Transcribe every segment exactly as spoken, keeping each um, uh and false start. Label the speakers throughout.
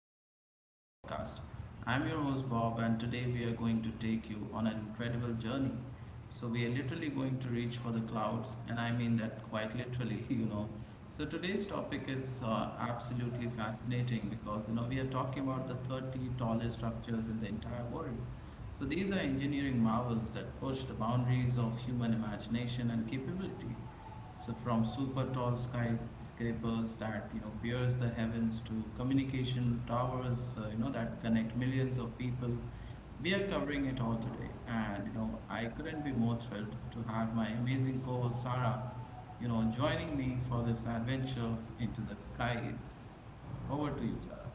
Speaker 1: episode of our podcast. I'm your host Bob, and today we are going to take you on an incredible journey. So, we are literally going to reach for the clouds, and I mean that quite literally, you know. So, today's topic is uh, absolutely fascinating because you know we are talking about the thirty tallest structures in the entire world. So, these are engineering marvels that push the boundaries of human imagination and capability. So from super tall skyscrapers that you know pierce the heavens to communication towers, uh, you know, that connect millions of people, we are covering it all today. And you know I couldn't be more thrilled to have my amazing co-host Sarah, you know, joining me for this adventure into the skies. Over to you, Sarah.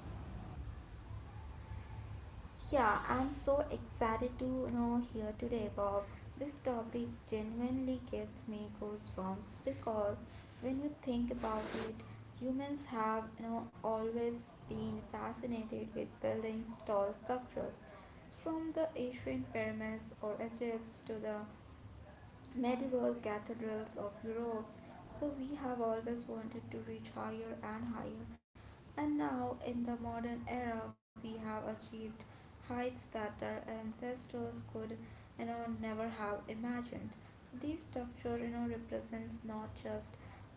Speaker 2: Yeah, I'm so excited to you know here today, Bob. This topic genuinely gives me goosebumps because when you think about it, humans have you know always been fascinated with building tall structures, from the ancient pyramids or Egypt to the medieval cathedrals of Europe. So we have always wanted to reach higher and higher, and now in the modern era, we have achieved heights that our ancestors could, you know, never have imagined. So this structure, you know, represents not just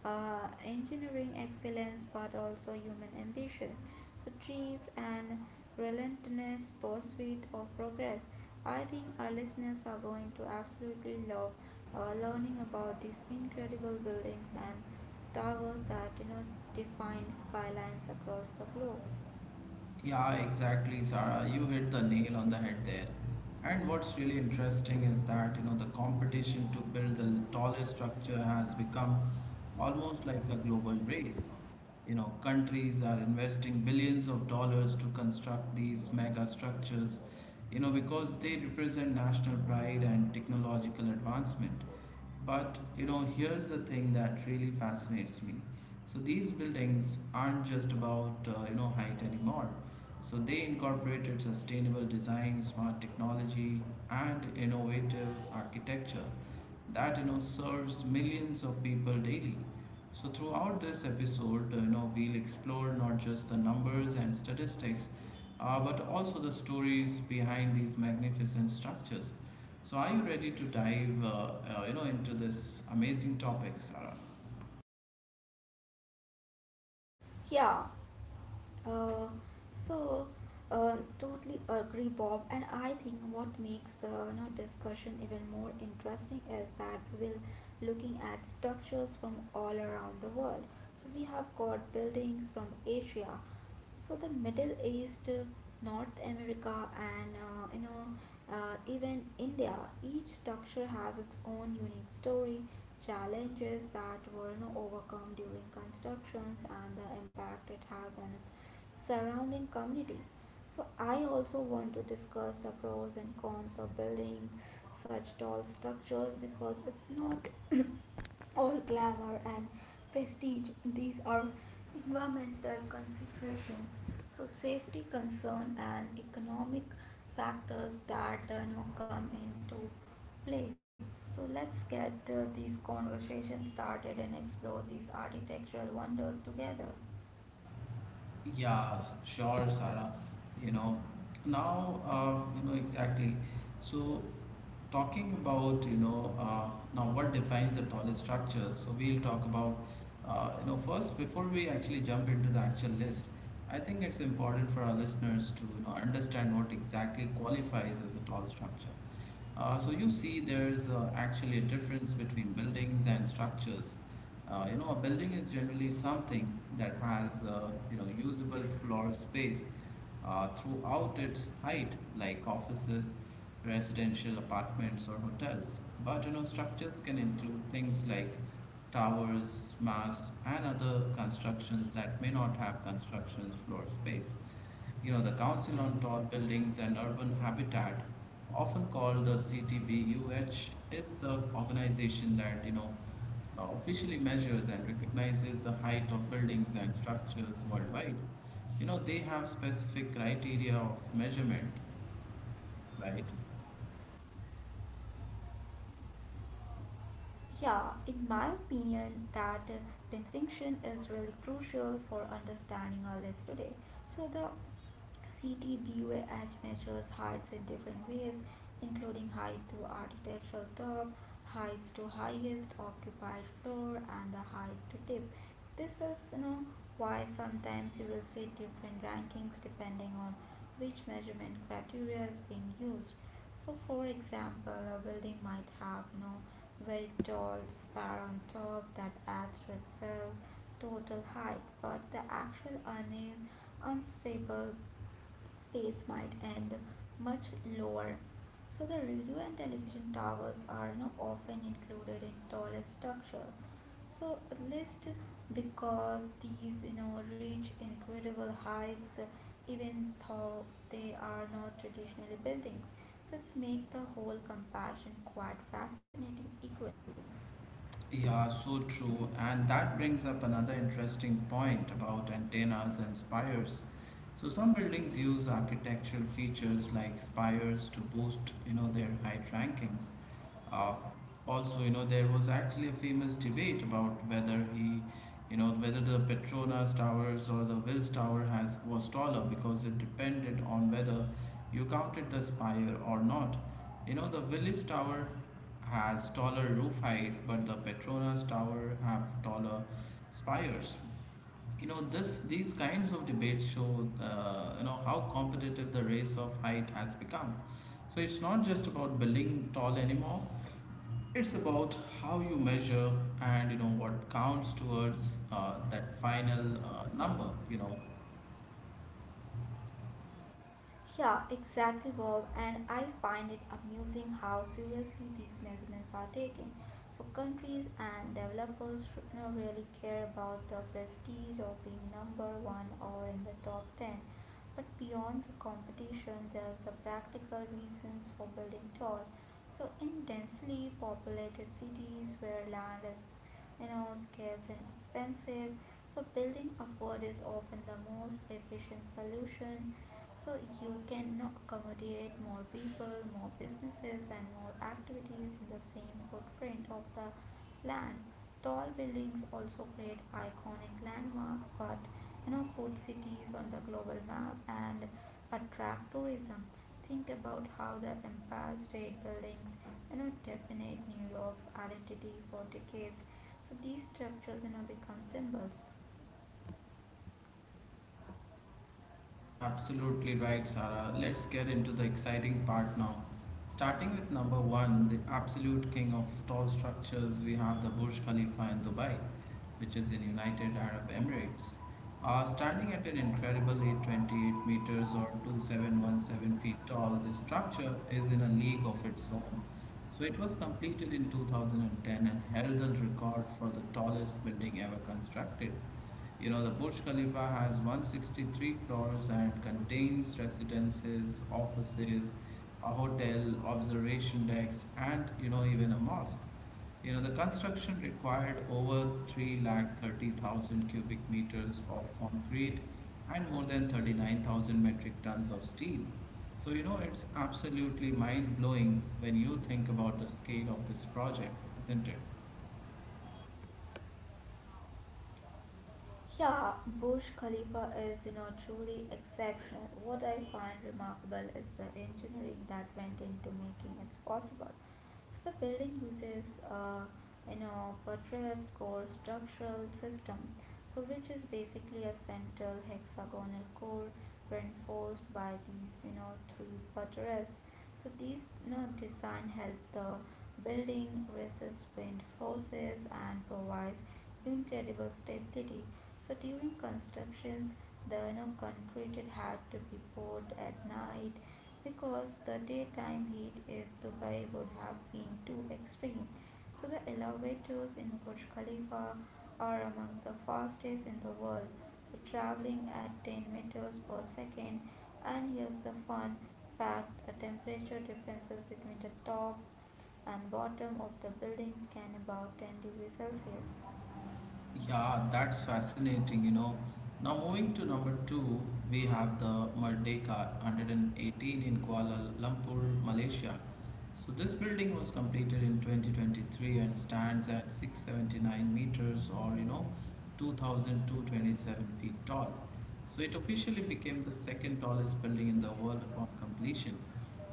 Speaker 2: uh, engineering excellence but also human ambitions. So dreams and relentless pursuit of progress. I think our listeners are going to absolutely love uh, learning about these incredible buildings and towers that you know define skylines across the globe.
Speaker 1: Yeah, exactly, Sarah. You hit the nail on the head there. And what's really interesting is that, you know, the competition to build the tallest structure has become almost like a global race. You know, countries are investing billions of dollars to construct these mega structures, you know, because they represent national pride and technological advancement. But you know, here's the thing that really fascinates me. So these buildings aren't just about uh, you know, height anymore. So they incorporated sustainable design, smart technology, and innovative architecture that you know serves millions of people daily. So, throughout this episode, uh, you know, we'll explore not just the numbers and statistics, uh, but also the stories behind these magnificent structures. So, are you ready to dive, uh, uh, you know, into this amazing topic, Sarah?
Speaker 2: Yeah, uh, so uh, totally agree, Bob. And I think what makes the you know discussion even more interesting is that we're looking at structures from all around the world. So we have got buildings from Asia, so the middle east, uh, north america, and uh, you know uh, even india. Each structure has its own unique story, challenges that were, you know, overcome during constructions, and the impact it has on its surrounding community. So I also want to discuss the pros and cons of building such tall structures because it's not all glamour and prestige. These are environmental considerations, so safety concern and economic factors that uh, you know come into play. So let's get uh, these conversations started and explore these architectural wonders together.
Speaker 1: Yeah, sure, Sarah. You know, now, uh, you know, exactly. So, talking about, you know, uh, now, what defines the tallest structures. So, we'll talk about, uh, you know, first, before we actually jump into the actual list, I think it's important for our listeners to, you know, understand what exactly qualifies as a tall structure. Uh, so you see, there's uh, actually a difference between buildings and structures. Uh, you know, a building is generally something that has uh, you know, usable floor space uh, throughout its height, like offices, residential apartments, or hotels. But you know, structures can include things like towers, masts, and other constructions that may not have constructions floor space. You know, the Council on Tall Buildings and Urban Habitat, often called the C T B U H, is the organization that, you know, uh, officially measures and recognizes the height of buildings and structures worldwide. You know, they have specific criteria of measurement, right?
Speaker 2: Yeah, in my opinion, that uh, distinction is really crucial for understanding our list today. So the CTBUAH measures heights in different ways, including height to architectural top, heights to highest occupied floor, and the height to tip. This is, you know, why sometimes you will see different rankings depending on which measurement criteria is being used. So for example, a building might have, you know, very tall spire on top that adds to itself total height, but the actual una- unstable space might end much lower. So the radio and television towers are, you know, often included in tallest structures, so a list, because these you know reach incredible heights, uh, even though they are not traditionally buildings, so it's make the whole comparison quite fascinating equally.
Speaker 1: Yeah, so true. And that brings up another interesting point about antennas and spires. So some buildings use architectural features like spires to boost, you know, their height rankings. Uh, also, you know, there was actually a famous debate about whether he, you know, whether the Petronas Towers or the Wills Tower has was taller because it depended on whether you counted the spire or not. You know, the Willis Tower has taller roof height, but the Petronas Tower have taller spires. You know, this these kinds of debates show, uh, you know, how competitive the race of height has become. So it's not just about building tall anymore. It's about how you measure and you know what counts towards uh, that final uh, number. You know,
Speaker 2: Yeah, exactly, Bob. And I find it amusing how seriously these measurements are taken. So, countries and developers, r- you know, really care about the prestige of being number one or in the top ten. But beyond the competition, there's the practical reasons for building tall. So, in densely populated cities where land is, you know, scarce and expensive, so building upward is often the most efficient solution, so you can accommodate more people, more businesses, and more activities in the same footprint of the land. Tall buildings also create iconic landmarks, but you know, put cities on the global map and attract tourism. Think about how the Empire State Buildings, you know, definite New York's identity for decades. So these structures, you know, become symbols.
Speaker 1: absolutely right, Sarah. Let's get into the exciting part now. Starting with number one, the absolute king of tall structures, we have the Burj Khalifa in Dubai, which is in United Arab Emirates. Uh, standing at an incredible eight hundred twenty-eight meters or two thousand seven hundred seventeen feet tall, this structure is in a league of its own. So it was completed in two thousand ten and held the record for the tallest building ever constructed. You know, the Burj Khalifa has one hundred sixty-three floors and contains residences, offices, a hotel, observation decks, and you know, even a mosque. You know, the construction required over three lakh thirty thousand cubic meters of concrete and more than thirty-nine thousand metric tons of steel. So, you know, it's absolutely mind blowing when you think about the scale of this project, isn't it?
Speaker 2: Yeah, Burj Khalifa is, you know, truly exceptional. What I find remarkable is the engineering that went into making it possible. So the building uses, uh, you know, buttressed core structural system, so which is basically a central hexagonal core reinforced by these you know three buttresses. So these you know design help the building resist wind forces and provides incredible stability. So during constructions, the you know concrete had to be poured at night because the daytime heat is Dubai would have been too extreme. So the elevators in Burj Khalifa are among the fastest in the world, so traveling at ten meters per second. And here's the fun fact: the temperature differences between the top and bottom of the buildings can about ten degrees Celsius.
Speaker 1: Yeah, that's fascinating, you know. Now moving to number two, we have the Merdeka one eighteen in Kuala Lumpur, Malaysia. So this building was completed in twenty twenty-three and stands at six hundred seventy-nine meters or you know two thousand two hundred twenty-seven feet tall. So it officially became the second tallest building in the world upon completion.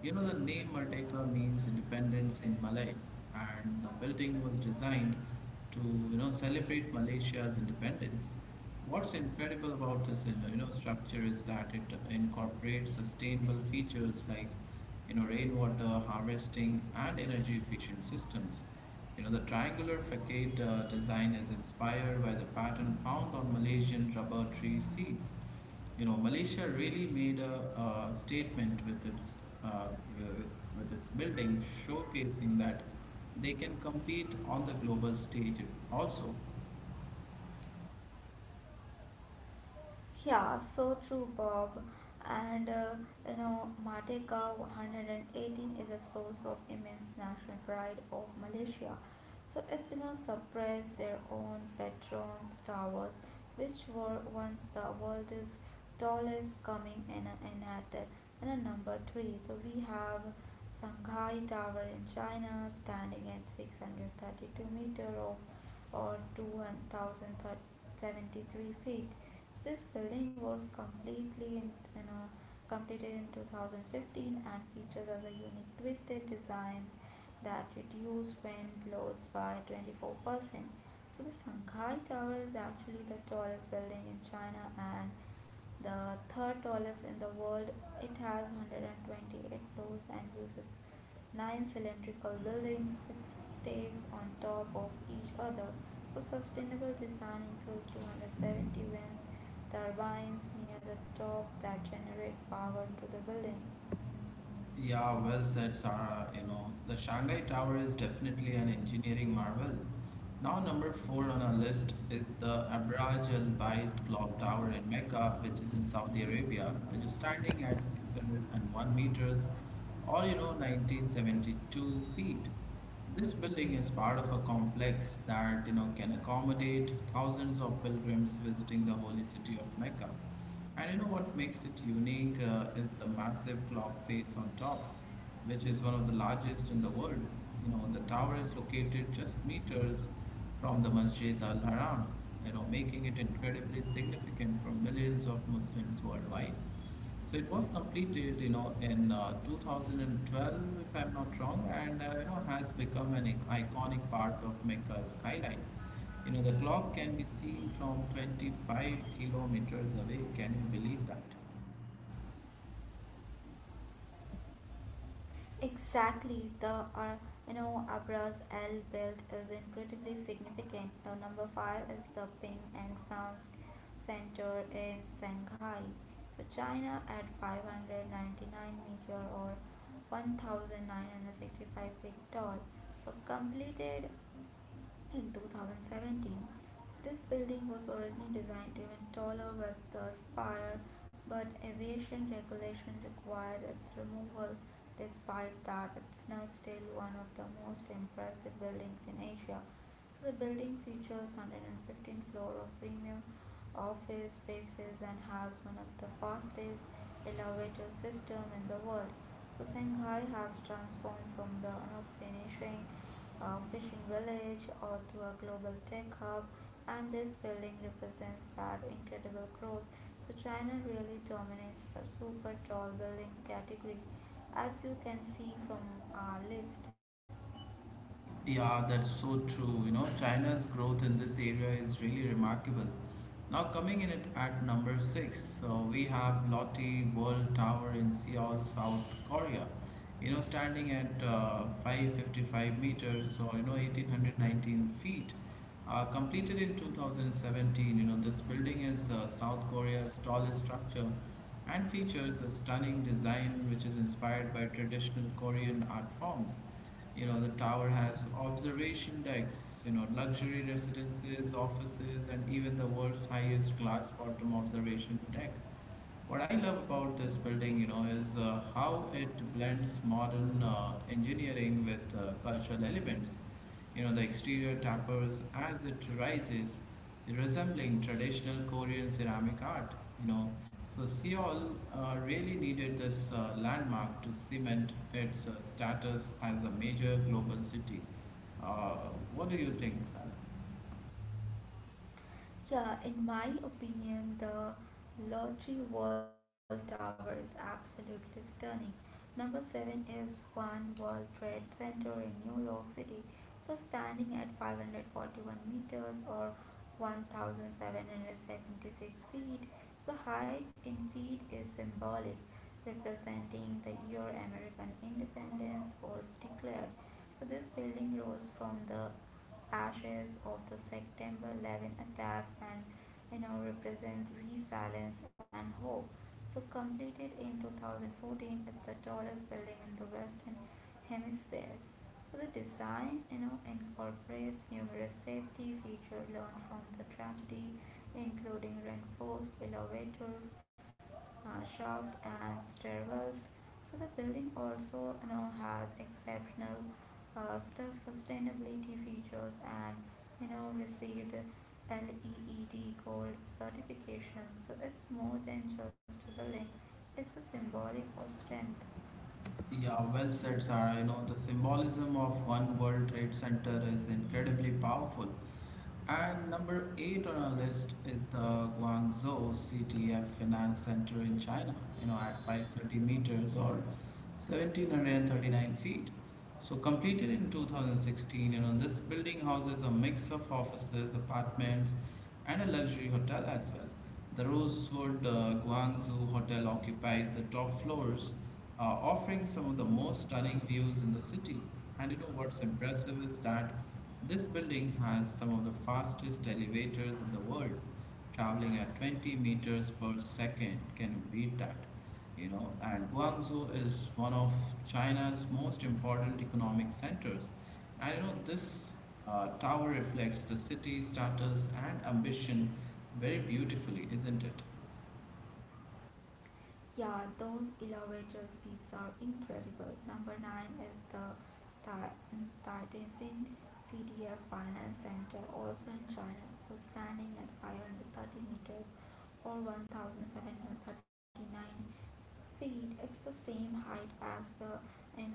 Speaker 1: You know the name Merdeka means independence in Malay and the building was designed to you know celebrate Malaysia's independence. What's incredible about this uh, you know, structure is that it incorporates sustainable features like you know rainwater harvesting and energy efficient systems. You know the triangular facade uh, design is inspired by the pattern found on Malaysian rubber tree seeds. You know, Malaysia really made a, a statement with its uh, with, with its building, showcasing that they can compete on the global stage. Also,
Speaker 2: Yeah, so true, Bob. And uh, you know, Merdeka one hundred eighteen is a source of immense national pride of Malaysia. So Athens suppressed their own patron's towers, which were once the world's tallest, coming in, at in a number three. So we have Shanghai Tower in China, standing at six hundred thirty-two meter of or two thousand seventy-three feet. So This building was completely in, you know, completed in two thousand fifteen and features as a unique twisted design that reduced wind loads by twenty-four percent. So the Shanghai Tower is actually the tallest building in China and the third tallest in the world. It has one hundred twenty-eight floors and uses nine cylindrical buildings stakes on top of each other. So sustainable design includes two hundred seventy wind turbines near the top that generate power to the building.
Speaker 1: yeah, well said, Sarah. You know, the Shanghai Tower is definitely an engineering marvel. Now, number four on our list is the Abraj Al Bait Clock Tower in Mecca, which is in Saudi Arabia, which is standing at six hundred one meters or you know nineteen seventy-two feet. This building is part of a complex that you know can accommodate thousands of pilgrims visiting the holy city of Mecca. And you know what makes it unique uh, is the massive clock face on top, which is one of the largest in the world. You know, the tower is located just meters from the Masjid Al Haram, you know, making it incredibly significant for millions of Muslims worldwide. So it was completed, you know, in uh, two thousand twelve, if I'm not wrong, and uh, you know has become an ic- iconic part of Mecca skyline. You know, the clock can be seen from twenty-five kilometers away. Can you believe that?
Speaker 2: Exactly, the uh, you know Abra's L build is incredibly significant. The number five is the Ping and France Center in Shanghai. So China at five hundred ninety-nine meter or nineteen sixty-five feet tall. So completed in two thousand seventeen. This building was originally designed even taller with the spire, but aviation regulation required its removal. Despite that, it's now still one of the most impressive buildings in Asia. The building features one hundred fifteen floor of premium office spaces and has one of the fastest elevator system in the world. So Shanghai has transformed from the unfinishing uh, fishing village or to a global tech hub, and this building represents that incredible growth. So China really dominates the super tall building category as you can see from our list.
Speaker 1: Yeah, that's so true. You know, China's growth in this area is really remarkable. Now, coming in it at number six, so we have Lotte World Tower in Seoul, South Korea. You know, standing at uh, five hundred fifty-five meters or you know one thousand eight hundred nineteen feet, uh, completed in two thousand seventeen. You know, this building is uh, South Korea's tallest structure and features a stunning design which is inspired by traditional Korean art forms. You know, the tower has observation decks, you know, luxury residences, offices, and even the world's highest glass bottom observation deck. What I love about this building, you know, is uh, how it blends modern uh, engineering with uh, cultural elements. You know, the exterior tapers as it rises, resembling traditional Korean ceramic art. You know, so Seoul, uh, really needed this uh, landmark to cement its uh, status as a major global city. Uh, what do you think, Sarah?
Speaker 2: Yeah, in my opinion, the Lottery World Tower is absolutely stunning. Number seven is One World Trade Center in New York City, so standing at five hundred forty-one meters or seventeen seventy-six feet. The height in feet is symbolic, representing the year American independence was declared. So this building rose from the ashes of the September eleven attack, and you know represents resilience and hope. So completed in two thousand fourteen, it's the tallest building in the Western Hemisphere. So the design, you know, incorporates numerous safety features learned from the tragedy, including reinforced elevator uh, shaft and stairwells. So the building also, you know, has exceptional uh, stu- sustainability features and, you know, received LEED Gold certification. So it's more than just a building; it's a symbolic of strength.
Speaker 1: Yeah, well said, Sarah. You know, the symbolism of One World Trade Center is incredibly powerful. And number eight on our list is the Guangzhou C T F Finance Center in China, you know, at five hundred thirty meters or seventeen thirty-nine feet. So, completed in two thousand sixteen, you know, this building houses a mix of offices, apartments, and a luxury hotel as well. The Rosewood uh, Guangzhou Hotel occupies the top floors, uh, offering some of the most stunning views in the city. And you know what's impressive is that this building has some of the fastest elevators in the world, traveling at twenty meters per second. Can you beat that? You know, and Guangzhou is one of China's most important economic centers. I know this uh, tower reflects the city's status and ambition very beautifully, isn't it?
Speaker 2: Yeah, those elevator speeds are incredible. Number nine is the Tar- Tartessin C D F Finance Center, also in China. So standing at five hundred thirty meters or one thousand seven hundred thirty-nine feet, it's the same height as the you know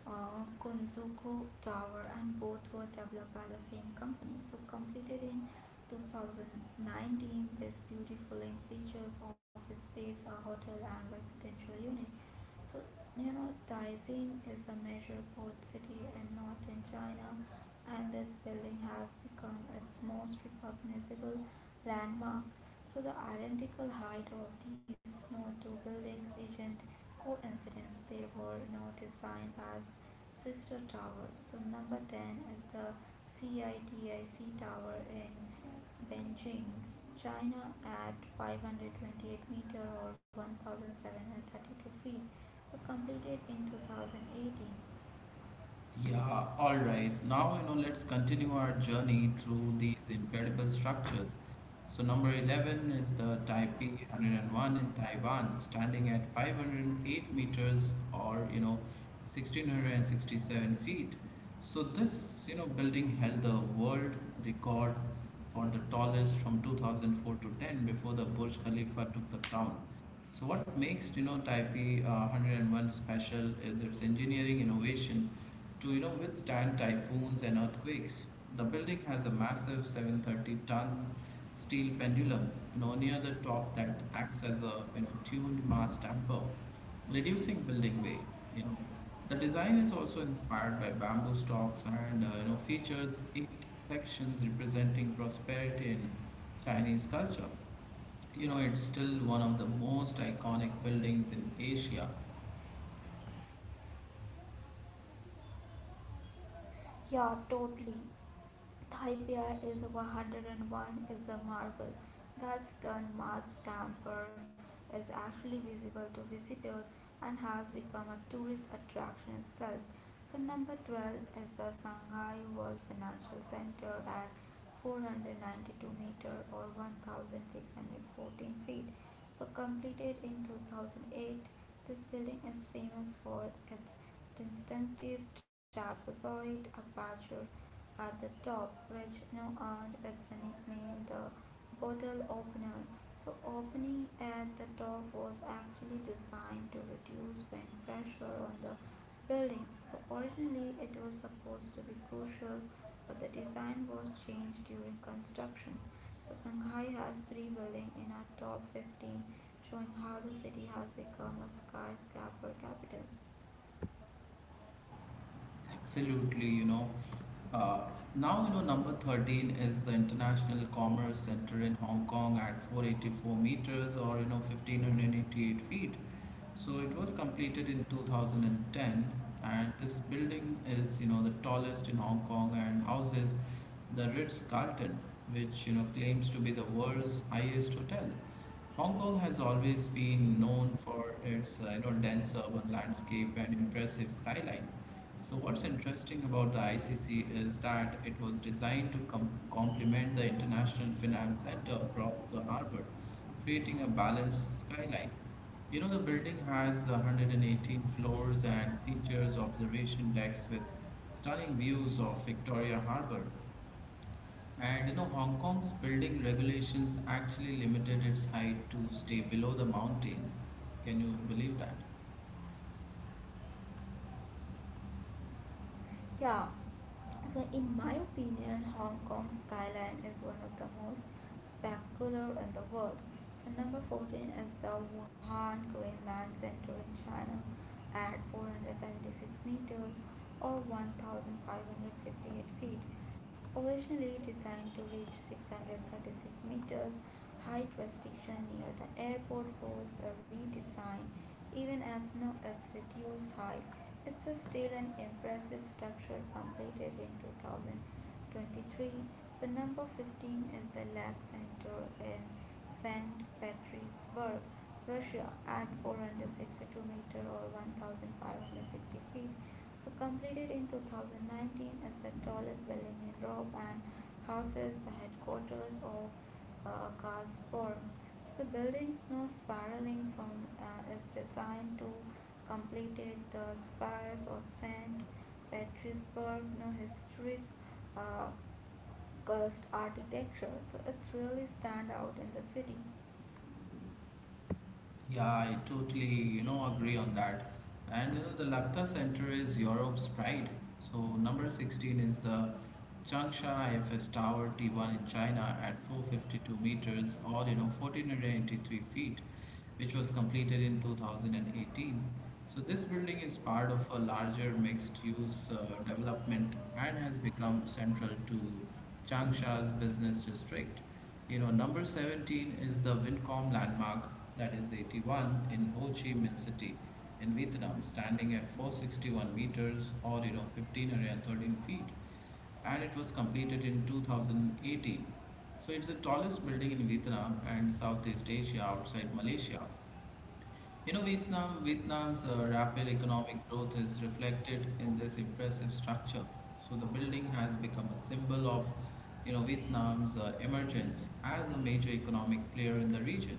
Speaker 2: uh, Kunzuku Tower, and both were developed by the same company. So completed in two thousand nineteen is beautiful in features, office space, a hotel, and residential unit. So, you know, Taizheng is a major port city in northern China, and this building has become its most recognizable landmark. So the identical height of these no two buildings isn't coincidence. They were now designed as sister towers. So number ten is the CITIC Tower in Beijing, China at five hundred twenty-eight meter or one thousand seven hundred thirty-two feet. So completed in two thousand eighteen.
Speaker 1: Yeah, all right. Now, you know, let's continue our journey through these incredible structures. So, number eleven is the Taipei one oh one in Taiwan, standing at five hundred eight meters or, you know, one thousand six hundred sixty-seven feet. So, this, you know, building held the world record for the tallest from two thousand four to ten before the Burj Khalifa took the crown. So what makes you know Taipei uh, one hundred one special is its engineering innovation to you know withstand typhoons and earthquakes. The building has a massive seven hundred thirty ton steel pendulum you know near the top that acts as a you know tuned mass damper, reducing building weight. You know the design is also inspired by bamboo stalks and uh, you know features eight sections representing prosperity in Chinese culture. You know it's still one of the most iconic buildings in Asia.
Speaker 2: Yeah, totally. Thai beer is one hundred one is a marvel. That's turned mass tamper is actually visible to visitors and has become a tourist attraction itself. So number twelve is the Shanghai World Financial Center at four hundred ninety-two meter or one thousand six hundred fourteen feet. So completed in two thousand eight, this building is famous for its distinctive trapezoid aperture at the top which now earned its nickname the bottle opener. So opening at the top was actually designed to reduce wind pressure on the building. So originally it was supposed to be crucial but the design was changed during construction. So Shanghai has three buildings in our top fifteen, showing how the city has become a skyscraper capital.
Speaker 1: Absolutely, you know. Uh, now, you know, number thirteen is the International Commerce Center in Hong Kong at four hundred eighty-four meters or, you know, one thousand five hundred eighty-eight feet. So it was completed in two thousand ten, and this building is, you know, the tallest in Hong Kong and houses the Ritz-Carlton, which, you know, claims to be the world's highest hotel. Hong Kong has always been known for its, uh, you know, dense urban landscape and impressive skyline. So what's interesting about the I C C is that it was designed to com- complement the International Finance Center across the harbor, creating a balanced skyline. You know, the building has one hundred eighteen floors and features observation decks with stunning views of Victoria Harbor. And you know, Hong Kong's building regulations actually limited its height to stay below the mountains. Can you believe that?
Speaker 2: Yeah. So, in my opinion, Hong Kong skyline is one of the most spectacular in the world. So, number fourteen is the Wuhan Greenland Center in China at four hundred seventy-six meters or one thousand five hundred fifty-eight feet. Originally designed to reach six hundred thirty-six meters, height restriction near the airport forced a redesign. Even as no, its reduced height, it's still an impressive structure completed in two thousand twenty-three. So number fifteen is the Lab Center in saint Petersburg, Russia at four hundred sixty-two meter or one thousand five hundred sixty feet. So completed in two thousand nineteen is the tallest building in Europe and houses the headquarters of uh, Gazprom. So the building's no spiraling from uh, its design to completed the spires of saint Petersburg, no historic uh, cast architecture, so it's really stand out in the city.
Speaker 1: Yeah, I totally, you know, agree on that. And you know, the Lacta Center is Europe's pride. So number sixteen is the Changsha F S Tower T one in China at four hundred fifty-two meters, or you know fourteen eighty-three feet, which was completed in two thousand eighteen. So this building is part of a larger mixed-use uh, development and has become central to Changsha's business district. You know, number seventeen is the Vincom landmark that is eighty-one in Ho Chi Minh City in Vietnam, standing at four hundred sixty-one meters or you know fifteen thirteen feet, and it was completed in twenty eighteen. So it's the tallest building in Vietnam and Southeast Asia outside Malaysia. You know, Vietnam, Vietnam's uh, rapid economic growth is reflected in this impressive structure. So the building has become a symbol of, you know, Vietnam's uh, emergence as a major economic player in the region.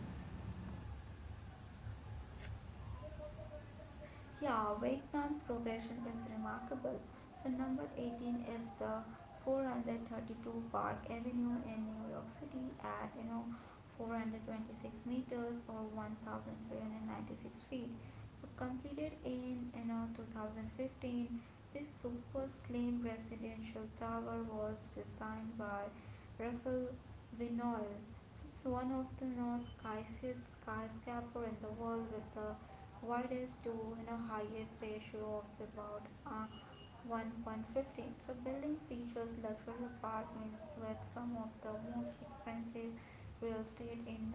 Speaker 2: Yeah, Vietnam's progression is remarkable. So number eighteen is the four hundred thirty-two Park Avenue in New York City at you know four hundred twenty-six meters or one thousand three hundred ninety-six feet. So completed in and on two thousand fifteen, this super slim residential tower was designed by Rafael Vinoil. So it's one of the most skyscraper skyscraper in the world with the widest to you know highest ratio of about uh, one point fifteen. So building features luxury apartments with some of the most expensive real estate in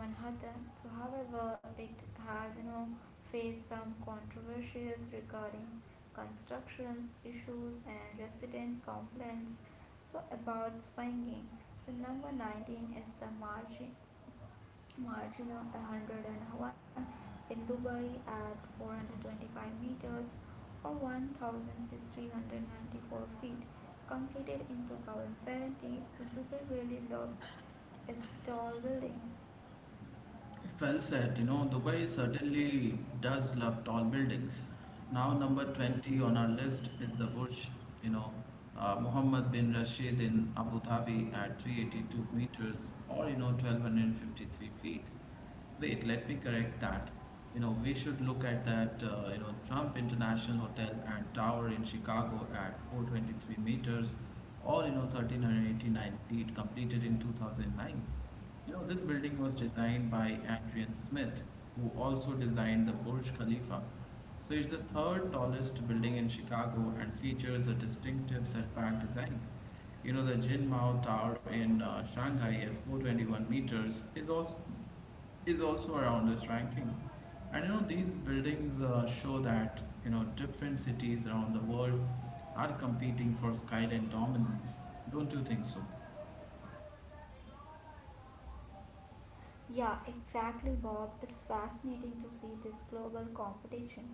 Speaker 2: Manhattan. So however it has you know faced some controversies regarding constructions issues and resident complaints so about swinging. So number nineteen is the margin Margin of one hundred one, in Dubai at four hundred twenty-five meters or one thousand three hundred ninety-four feet, completed in two thousand seventeen. So Dubai really loves its tall buildings.
Speaker 1: Well said. You know, Dubai certainly does love tall buildings. Now, number twenty on our list is the Burj, you know, uh, Mohammed bin Rashid in Abu Dhabi at three hundred eighty-two meters or, you know, one thousand two hundred fifty-three feet. Wait, let me correct that. You know, we should look at that, uh, you know, Trump International Hotel and Tower in Chicago at four hundred twenty-three meters or, you know, one thousand three hundred eighty-nine feet, completed in two thousand nine. You know, this building was designed by Adrian Smith, who also designed the Burj Khalifa. So it's the third tallest building in Chicago and features a distinctive setback design. You know, the Jinmao Tower in uh, Shanghai at four hundred twenty-one meters is also is also around this ranking. And you know, these buildings uh, show that you know different cities around the world are competing for skyline dominance. Don't you think so?
Speaker 2: Yeah, exactly, Bob. It's fascinating to see this global competition.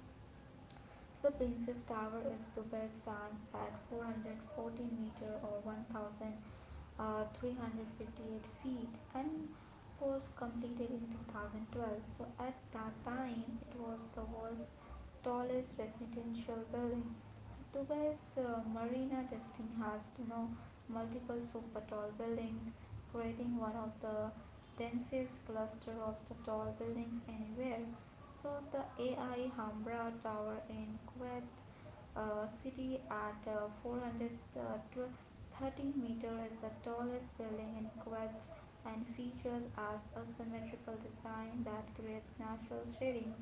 Speaker 2: So, Princess Tower is Dubai's stands at four hundred forty meter or one thousand three hundred fifty-eight feet and was completed in two thousand twelve. So at that time, it was the world's tallest residential building. So Dubai's uh, Marina District has you know multiple super tall buildings, creating one of the densest cluster of the tall buildings anywhere. So the A I Hambra Tower in Kuwait uh, City at uh, four hundred thirty meters is the tallest building in Kuwait and features as a symmetrical design that creates natural shading.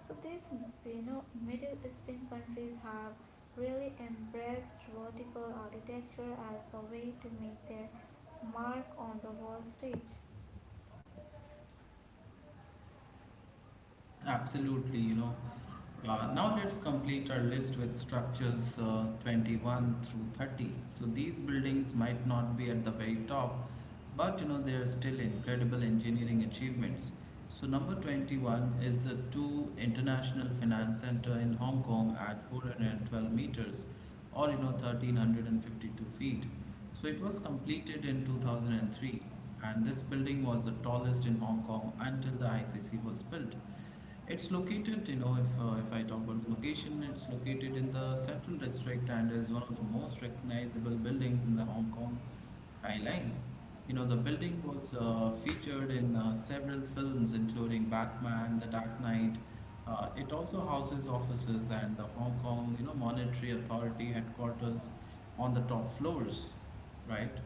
Speaker 2: So these you know Middle Eastern countries have really embraced vertical architecture as a way to make their mark on the world stage.
Speaker 1: Absolutely, you know. Uh, now let's complete our list with structures uh, twenty-one through thirty. So these buildings might not be at the very top, but you know they are still incredible engineering achievements. So number twenty-one is the two International Finance Center in Hong Kong at four hundred twelve meters, or you know one thousand three hundred fifty-two feet. So it was completed in two thousand three, and this building was the tallest in Hong Kong until the I C C was built. It's located, you know, if uh, if I talk about the location, it's located in the Central District and is one of the most recognizable buildings in the Hong Kong skyline. You know, the building was uh, featured in uh, several films, including Batman, The Dark Knight. Uh, it also houses offices and the Hong Kong, you know, Monetary Authority headquarters on the top floors, right?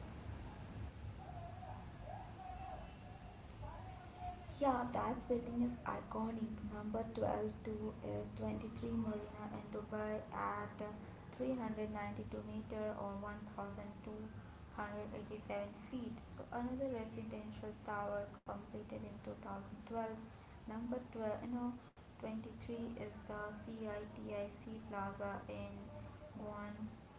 Speaker 2: Yeah, that building is iconic. Number twelve two is twenty-three Marina in Dubai at three hundred ninety-two meter or one thousand two hundred eighty-seven feet. So another residential tower completed in twenty twelve. Number twelve, no, twenty-three is the CITIC Plaza in Juan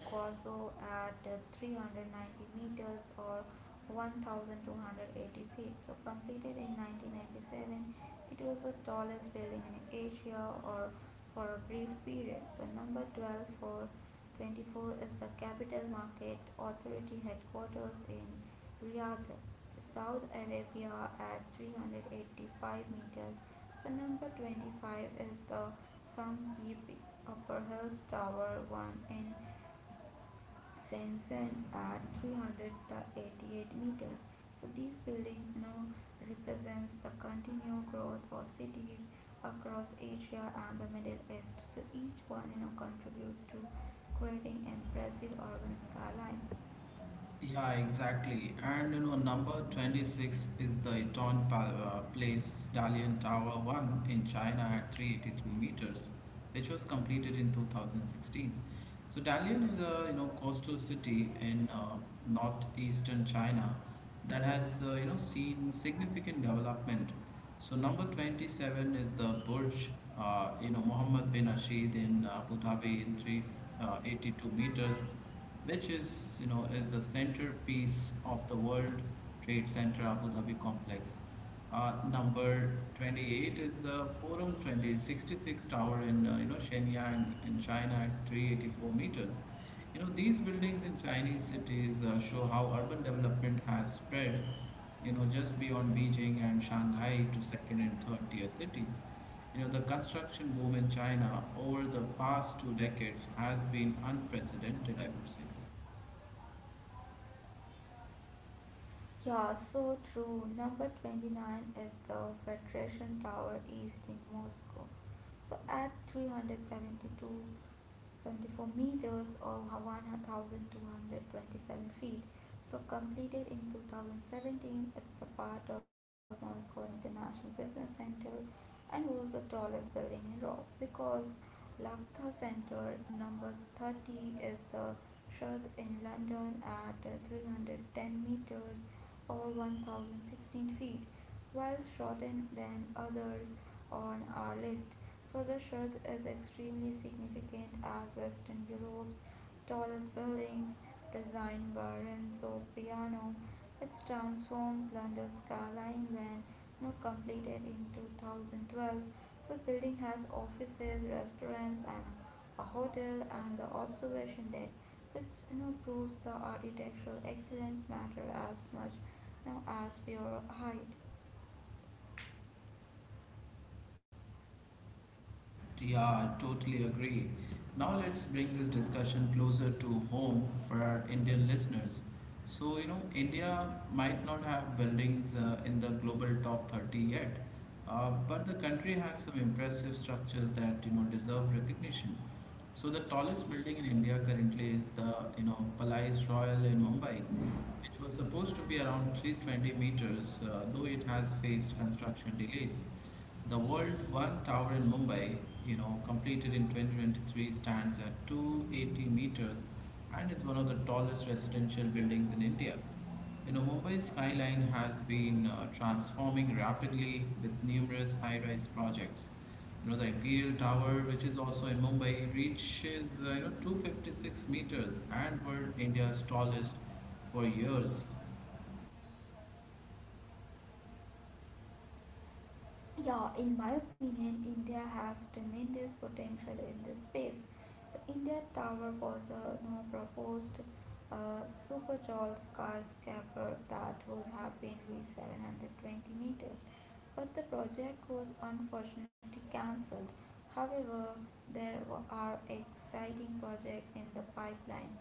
Speaker 2: Guazzo at three hundred ninety meters or one thousand two hundred eighty feet. So completed in nineteen ninety-seven, it was the tallest building in Asia or for a brief period. So number twelve for twenty-four is the Capital Market Authority headquarters in Riyadh to Saudi Arabia at three hundred eighty-five meters. So number twenty-five is the Samkeep Upper Hills Tower one in Shenzhen at three hundred eighty-eight meters. So these buildings now represents the continued growth of cities across Asia and the Middle East. So each one you know contributes to creating impressive urban skyline.
Speaker 1: Yeah, exactly. And you know, number twenty-six is the Eton Pa- uh, Place Dalian Tower one in China at three hundred eighty-three meters, which was completed in two thousand sixteen. So Dalian is a you know coastal city in uh, northeastern China that has uh, you know seen significant development. So number twenty-seven is the Burj, uh, you know Mohammed bin Rashid in uh, Abu Dhabi in three hundred eighty-two meters, which is you know is the centerpiece of the World Trade Center Abu Dhabi complex. Uh, number twenty-eight is the Forum twenty sixty-six tower in uh, you know Shenyang in China at three hundred eighty-four meters. You know, these buildings in Chinese cities uh, show how urban development has spread, you know, just beyond Beijing and Shanghai to second and third tier cities. You know, the construction boom in China over the past two decades has been unprecedented, I would say.
Speaker 2: Yeah, so true. Number twenty-nine is the Federation Tower East in Moscow. So at three hundred seventy-two point seven four meters or one thousand two hundred twenty-seven feet, so completed in twenty seventeen, it's a part of Moscow International Business Center and was the tallest building in Europe because Lagda Center. Number thirty is the Shard in London at three hundred ten meters or one thousand sixteen feet. While shorter than others on our list, so the Shard is extremely significant as Western Europe's tallest buildings, designed by Renzo Piano. Its transformed London skyline when not completed in twenty twelve. The building has offices, restaurants, and a hotel and the observation deck, which you know, proves the architectural excellence matter as much now as pure height.
Speaker 1: Yeah, totally agree. Now let's bring this discussion closer to home for our Indian listeners. So, you know, India might not have buildings uh, in the global top thirty yet, uh, but the country has some impressive structures that, you know, deserve recognition. So the tallest building in India currently is the, you know, Palais Royal in Mumbai, which was supposed to be around three hundred twenty meters, uh, though it has faced construction delays. The World One Tower in Mumbai, you know, completed in twenty twenty-three, stands at two hundred eighty meters and is one of the tallest residential buildings in India. You know, Mumbai's skyline has been uh, transforming rapidly with numerous high-rise projects. You know, the Imperial Tower, which is also in Mumbai, reaches uh, you know two hundred fifty-six meters and were India's tallest for years.
Speaker 2: Yeah, in my opinion, India has tremendous potential in this space. So India Tower was a, you know, proposed uh, super tall skyscraper that would have been reached seven hundred twenty meters, but the project was unfortunately cancelled. However, there wa- are exciting projects in the pipeline.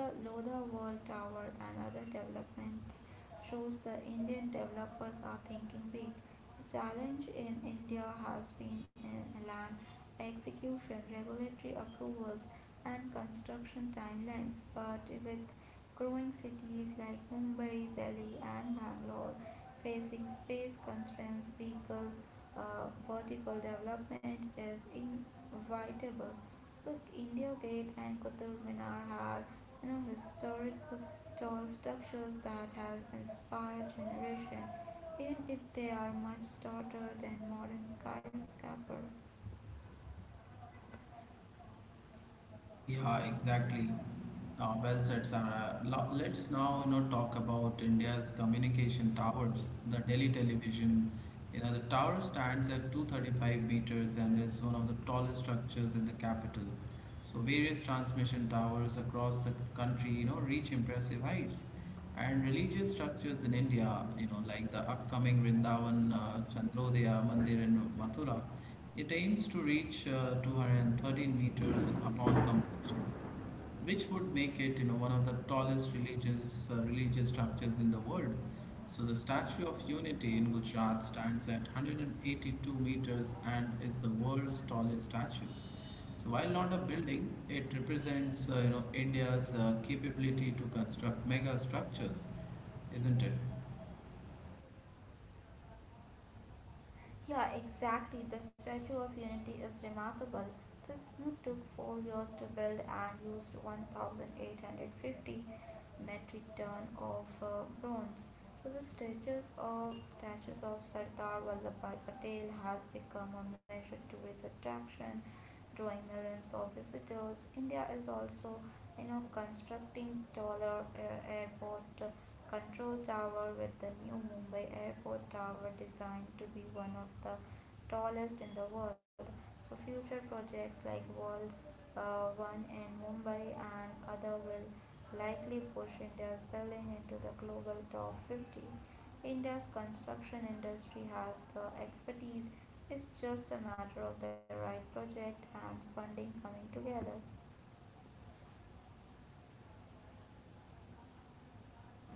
Speaker 2: The Lodha World Tower and other developments shows the Indian developers are thinking big. The challenge in India has been in land execution, regulatory approvals, and construction timelines, but with growing cities like Mumbai, Delhi, and Bangalore facing space constraints, vehicle uh, vertical development is inevitable. So India Gate and Qutub Minar are you know historic tall structures that have inspired generation, even if they are much stouter than modern skyscrapers.
Speaker 1: Yeah, exactly. Uh, well said, Sarah. Lo- Let's now, you know, talk about India's communication towers, the Delhi television. You know, the tower stands at two hundred thirty-five meters and is one of the tallest structures in the capital. So various transmission towers across the country, you know, reach impressive heights. And religious structures in India, you know, like the upcoming Vrindavan uh, Chandrodaya Mandir in Mathura, it aims to reach uh, two hundred thirteen meters upon completion, which would make it you know, one of the tallest religious, uh, religious structures in the world. So, the Statue of Unity in Gujarat stands at one hundred eighty-two meters and is the world's tallest statue. So, while not a building, it represents uh, you know, India's uh, capability to construct mega structures, isn't it?
Speaker 2: Yeah, exactly. The Statue of Unity is remarkable. It took four years to build and used one thousand eight hundred fifty metric ton of uh, bronze. So the statues of statues of Sardar Vallabhbhai Patel has become a major tourist attraction, drawing millions of visitors. India is also, you know, constructing taller uh, airport control tower with the new Mumbai airport tower designed to be one of the tallest in the world. So future projects like World uh, One in Mumbai and other will likely push India's building into the global top fifty. India's construction industry has the expertise. It's just a matter of the right project and funding coming together.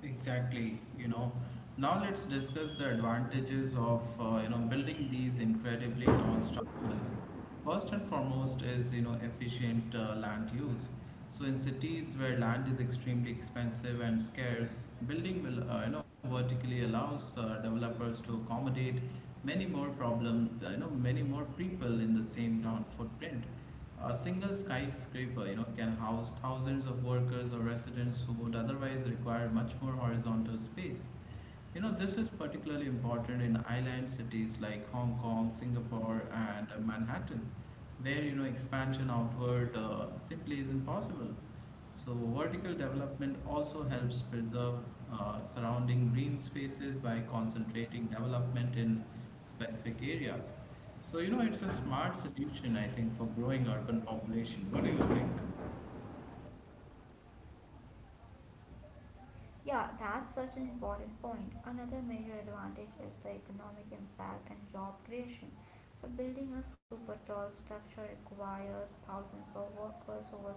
Speaker 1: Exactly, you know. Now let's discuss the advantages of uh, you know building these incredibly tall structures. First and foremost is you know efficient uh, land use. So in cities where land is extremely expensive and scarce, building will uh, you know vertically allows uh, developers to accommodate many more problem uh, you know many more people in the same ground footprint. A single skyscraper, you know, can house thousands of workers or residents who would otherwise require much more horizontal space. You know, this is particularly important in island cities like Hong Kong, Singapore, and uh, Manhattan, where you know expansion outward uh, simply isn't possible. So, vertical development also helps preserve uh, surrounding green spaces by concentrating development in specific areas. So, you know, it's a smart solution, I think, for growing urban population. What do you think?
Speaker 2: Yeah, that's such an important point. Another major advantage is the economic impact and job creation. So, building a super tall structure requires thousands of workers over,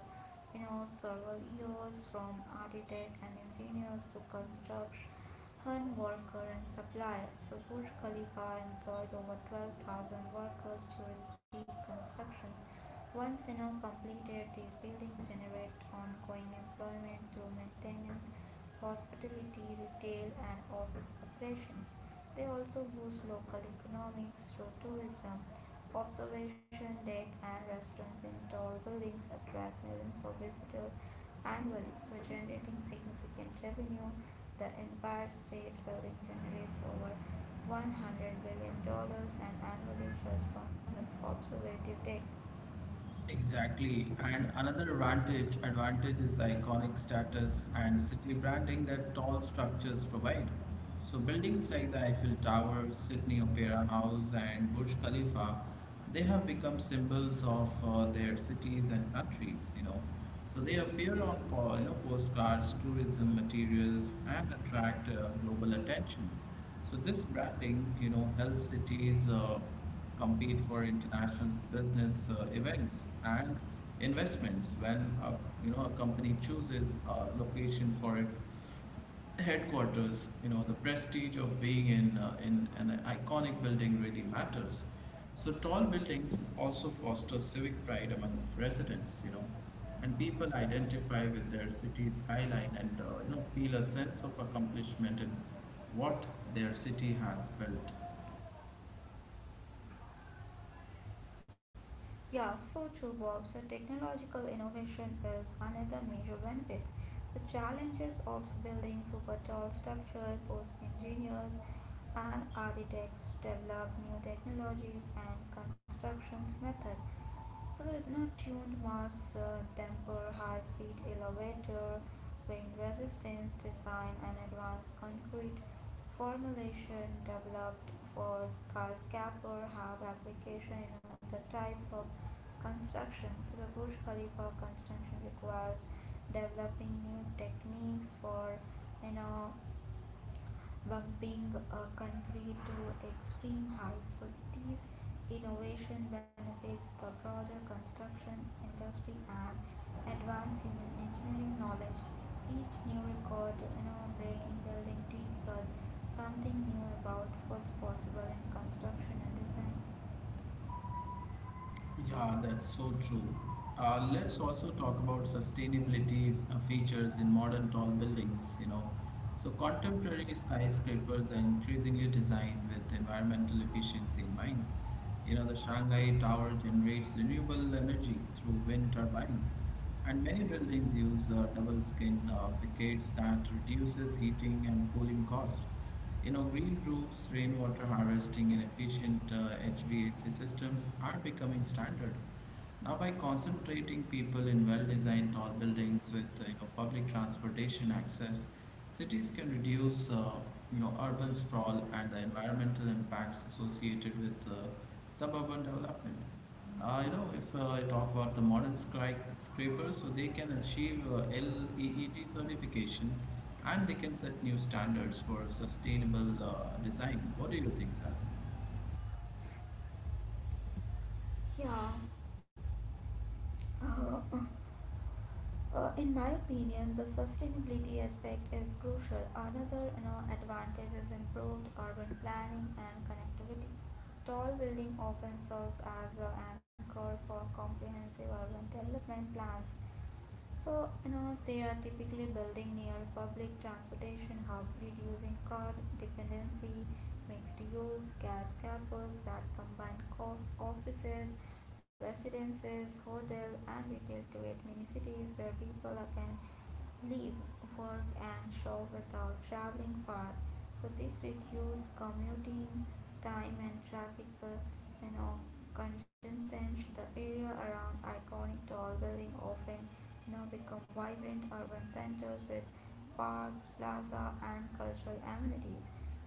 Speaker 2: you know, several years from architect and engineers to construction worker and supplier. So, Burj Khalifa employed over twelve thousand workers during peak constructions once in all completed, these buildings generate ongoing employment through maintenance, hospitality, retail, and office operations. They also boost local economics through tourism. Observation deck and restaurants in tall buildings attract millions of visitors annually, so generating significant revenue. The Empire State Building generates over $100 billion dollars annually just from its observation deck.
Speaker 1: Exactly. And another advantage advantage is the iconic status and city branding that tall structures provide. So buildings like the Eiffel Tower, Sydney Opera House, and Burj Khalifa, they have become symbols of uh, their cities and countries, you know. So they appear on po- you know, postcards, tourism materials, and attract uh, global attention. So this branding, you know, helps cities uh, compete for international business uh, events and investments. When a, you know a company chooses a location for its headquarters, you know the prestige of being in uh, in an iconic building really matters. So tall buildings also foster civic pride among residents, you know. And people identify with their city skyline and uh, you know feel a sense of accomplishment in what their city has built.
Speaker 2: Yeah, so true, Bob. So technological innovation is another major benefit. The challenges of building super tall structure force engineers and architects develop new technologies and constructions method, so the retina-tuned mass uh, damper, high-speed elevator, wind resistance design, and advanced concrete formulation developed for skyscraper have application in other types of construction. So the Burj Khalifa construction requires developing new techniques for you know bumping a country to extreme heights. So these innovation benefits the broader construction industry and advance human engineering knowledge. Each new record in our breaking building teaches us something new about what's possible in construction and design.
Speaker 1: Yeah, that's so true. Uh, let's also talk about sustainability uh, features in modern tall buildings, you know. So contemporary skyscrapers are increasingly designed with environmental efficiency in mind. You know, the Shanghai Tower generates renewable energy through wind turbines, and many buildings use uh, double skin uh, facades that reduces heating and cooling costs. You know, green roofs, rainwater harvesting, and efficient uh, H V A C systems are becoming standard. Now, by concentrating people in well-designed tall buildings with uh, you know public transportation access, cities can reduce uh, you know urban sprawl and the environmental impacts associated with uh, suburban development. Uh, you know, if uh, I talk about the modern scri- scrapers, so they can achieve uh, LEED certification and they can set new standards for sustainable uh, design. What do you think, sir?
Speaker 2: Yeah. Uh, Uh, in my opinion, the sustainability aspect is crucial. Another you know, advantage is improved urban planning and connectivity. Tall building often serves as an anchor for comprehensive urban development plans. So, you know, they are typically building near public transportation hub, reducing car dependency, mixed use, gas campus that combine co- offices, residences, hotel and retail to create mini cities where people can live, work, and shop without traveling far. So this reduces commuting time and traffic uh, you know, congestion. The area around iconic tall building often you know, become vibrant urban centers with parks, plaza, and cultural amenities.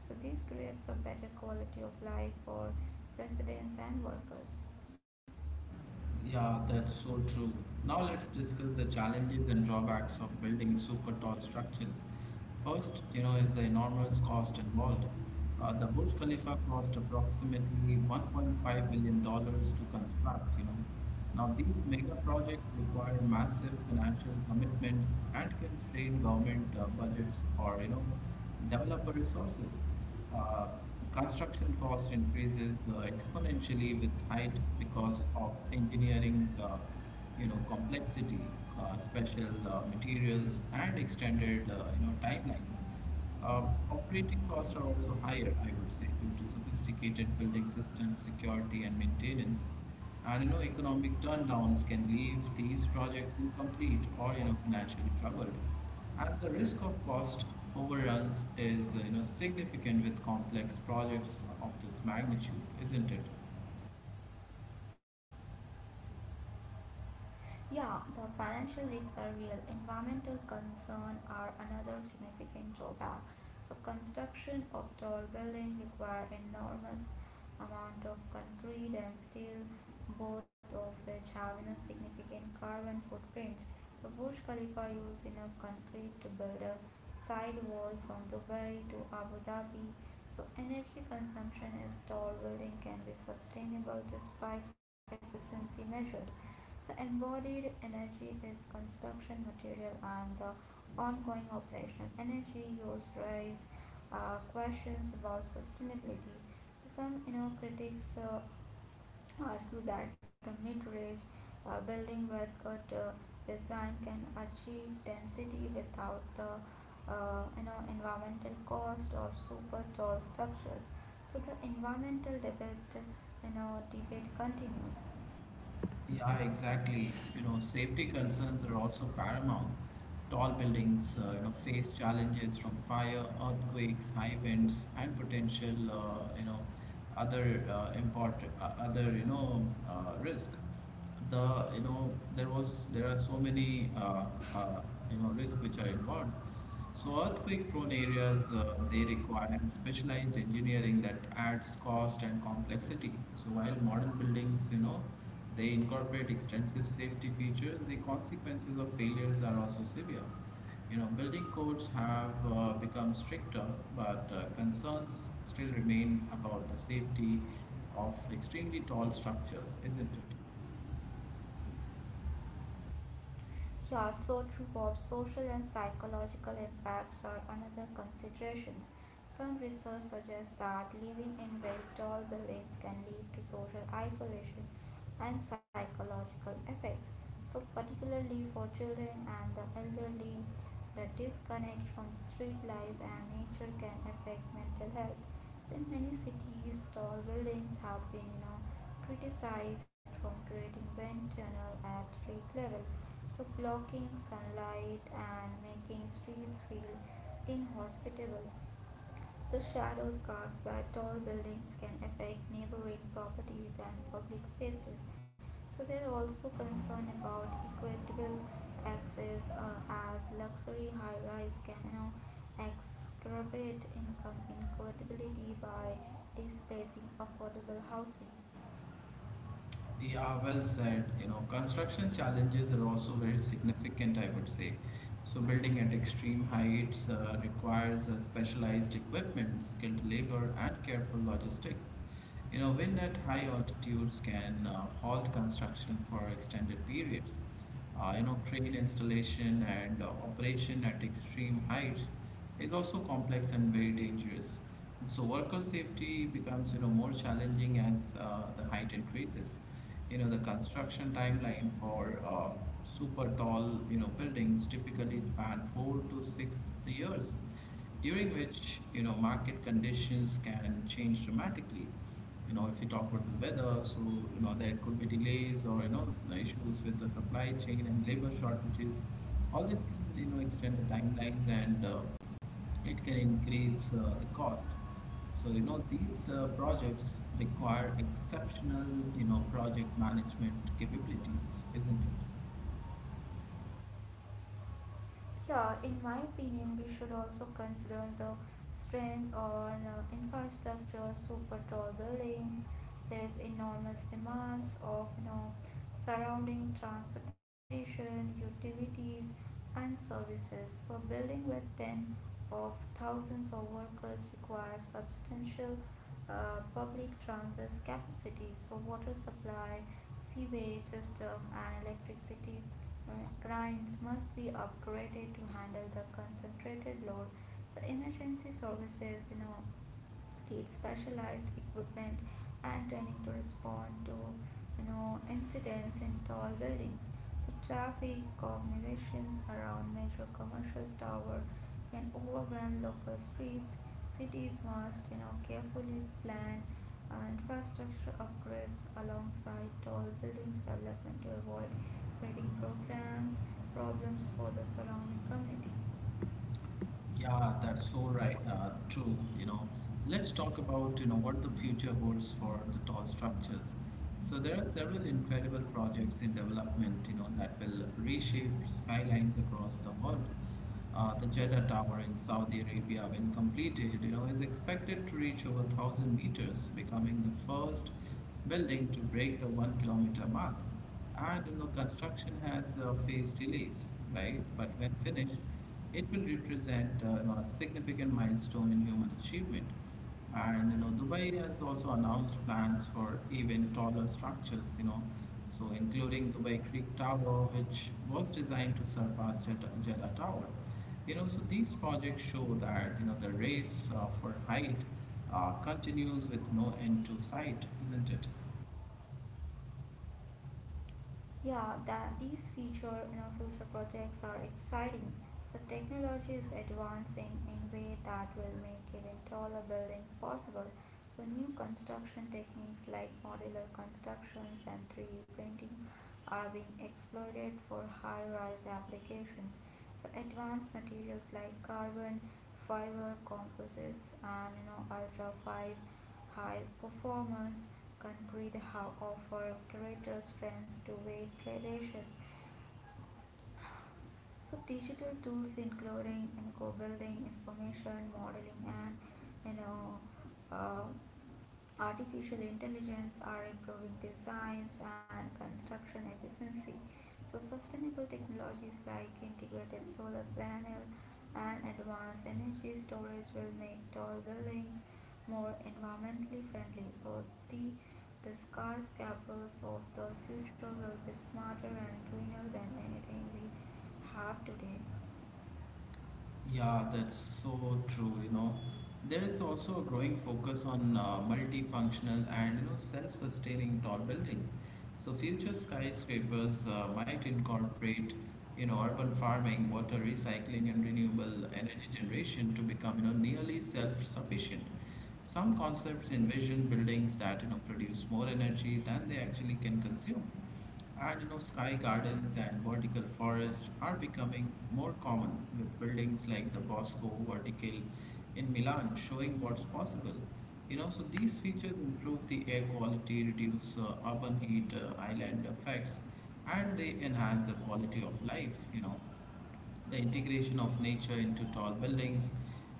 Speaker 2: So this creates a better quality of life for residents and workers.
Speaker 1: Yeah, that's so true. Now let's discuss the challenges and drawbacks of building super tall structures. First, you know, is the enormous cost involved. Uh, the Burj Khalifa cost approximately one point five billion dollars to construct, you know. Now these mega projects require massive financial commitments and can strain government uh, budgets or, you know, developer resources. Uh, Construction cost increases uh, exponentially with height because of engineering, uh, you know, complexity, uh, special uh, materials, and extended, uh, you know, timelines. Uh, operating costs are also higher, I would say, due to sophisticated building systems, security, and maintenance. And you know, economic turndowns can leave these projects incomplete or you know financially troubled. And the risk of cost overruns is, you know, significant with complex projects of this magnitude, isn't it?
Speaker 2: Yeah, the financial risks are real. Environmental concerns are another significant drawback. So construction of tall buildings require enormous amount of concrete and steel, both of which have you know, significant carbon footprints. The Burj Khalifa used enough concrete to build a side wall from Dubai to Abu Dhabi. So energy consumption as tall building can be sustainable despite efficiency measures. So, embodied energy is construction material and the ongoing operational energy use raise uh, questions about sustainability. So some you know critics uh, argue that the mid-range uh, building where good uh, design can achieve density without the uh, you know environmental cost of super tall structures. So the environmental debate you know debate continues.
Speaker 1: Yeah, exactly. You know, safety concerns are also paramount. Tall buildings, uh, you know, face challenges from fire, earthquakes, high winds, and potential, uh, you know, other uh, import, uh, other, you know, uh, risk. The, you know, there was, there are so many, uh, uh, you know, risk which are involved. So earthquake-prone areas, uh, they require specialized engineering that adds cost and complexity. So while modern buildings, you know, they incorporate extensive safety features, the consequences of failures are also severe. You know, building codes have uh, become stricter, but uh, concerns still remain about the safety of extremely tall structures, isn't it?
Speaker 2: Yeah, so true, Bob. Social and psychological impacts are another considerations. Some research suggests that living in very tall buildings can lead to social isolation and psychological effects. So, particularly for children and the elderly, the disconnect from the street life and nature can affect mental health. So, in many cities, tall buildings have been, you know, criticized from creating wind tunnel at street level, so blocking sunlight and making streets feel inhospitable. The shadows cast by tall buildings can affect neighboring properties and public spaces. So they are also concerned about equitable access uh, as luxury high rise can you exacerbate income inequality by displacing affordable housing.
Speaker 1: Yeah, well said. You know, construction challenges are also very significant, I would say. So building at extreme heights uh, requires uh, specialized equipment, skilled labor, and careful logistics. You know, wind at high altitudes can uh, halt construction for extended periods. Uh, you know, crane installation and uh, operation at extreme heights is also complex and very dangerous. So worker safety becomes, you know, more challenging as uh, the height increases. You know, the construction timeline for uh, super tall, you know, buildings typically span four to six years, during which, you know, market conditions can change dramatically. You know, if you talk about the weather, so, you know, there could be delays or, you know, issues with the supply chain and labor shortages. All this can, you know, extend the timelines and uh, it can increase uh, the cost. So, you know, these uh, projects require exceptional, you know, project management capabilities, isn't it?
Speaker 2: Yeah, in my opinion, we should also consider the strength on uh, infrastructure, super tall buildings, there's enormous demands of you know surrounding transportation, utilities, and services. So building with ten of thousands of workers requires substantial uh, public transit capacity. So water supply, sewage system, and electricity uh, lines must be upgraded to handle the concentrated load. So emergency services, you know, need specialized equipment and training to respond to you know incidents in tall buildings. So traffic cognitions around major commercial tower can overwhelm local streets. Cities must you know carefully plan uh, infrastructure upgrades alongside tall buildings development to avoid creating program problems for the surrounding community.
Speaker 1: Yeah, that's so right. Uh, true. You know, let's talk about, you know, what the future holds for the tall structures. So there are several incredible projects in development, you know, that will reshape skylines across the world. Uh, the Jeddah Tower in Saudi Arabia, when completed, you know, is expected to reach over one thousand meters, becoming the first building to break the one kilometer mark. I don't know, construction has uh, faced delays, right? But when finished, it will represent, uh, you know, a significant milestone in human achievement. And you know, Dubai has also announced plans for even taller structures, you know, so including Dubai Creek Tower, which was designed to surpass Jeddah, Jeddah Tower. You know, so these projects show that, you know, the race uh, for height uh, continues with no end to sight, isn't it?
Speaker 2: Yeah, that these future, you know, future projects are exciting. So technology is advancing in way that will make even taller buildings possible. So new construction techniques like modular constructions and three D printing are being exploited for high-rise applications. Advanced materials like carbon fiber composites and you know ultra fine high performance concrete have offer greater strength to weight gradations. So digital tools including in co-building information modeling and you know uh, artificial intelligence are improving designs and construction efficiency. So sustainable technologies like integrated solar panel and advanced energy storage will make tall buildings more environmentally friendly. So the the skyscrapers of the future will be smarter and greener than anything we have today.
Speaker 1: Yeah, that's so true, you know. There is also a growing focus on uh, multifunctional and, you know, self-sustaining tall buildings. So future skyscrapers uh, might incorporate, you know, urban farming, water recycling, and renewable energy generation to become, you know, nearly self-sufficient. Some concepts envision buildings that, you know, produce more energy than they actually can consume, and you know, sky gardens and vertical forests are becoming more common with buildings like the Bosco Vertical in Milan showing what's possible. You know, so these features improve the air quality, reduce uh, urban heat uh, island effects, and they enhance the quality of life. You know, the integration of nature into tall buildings,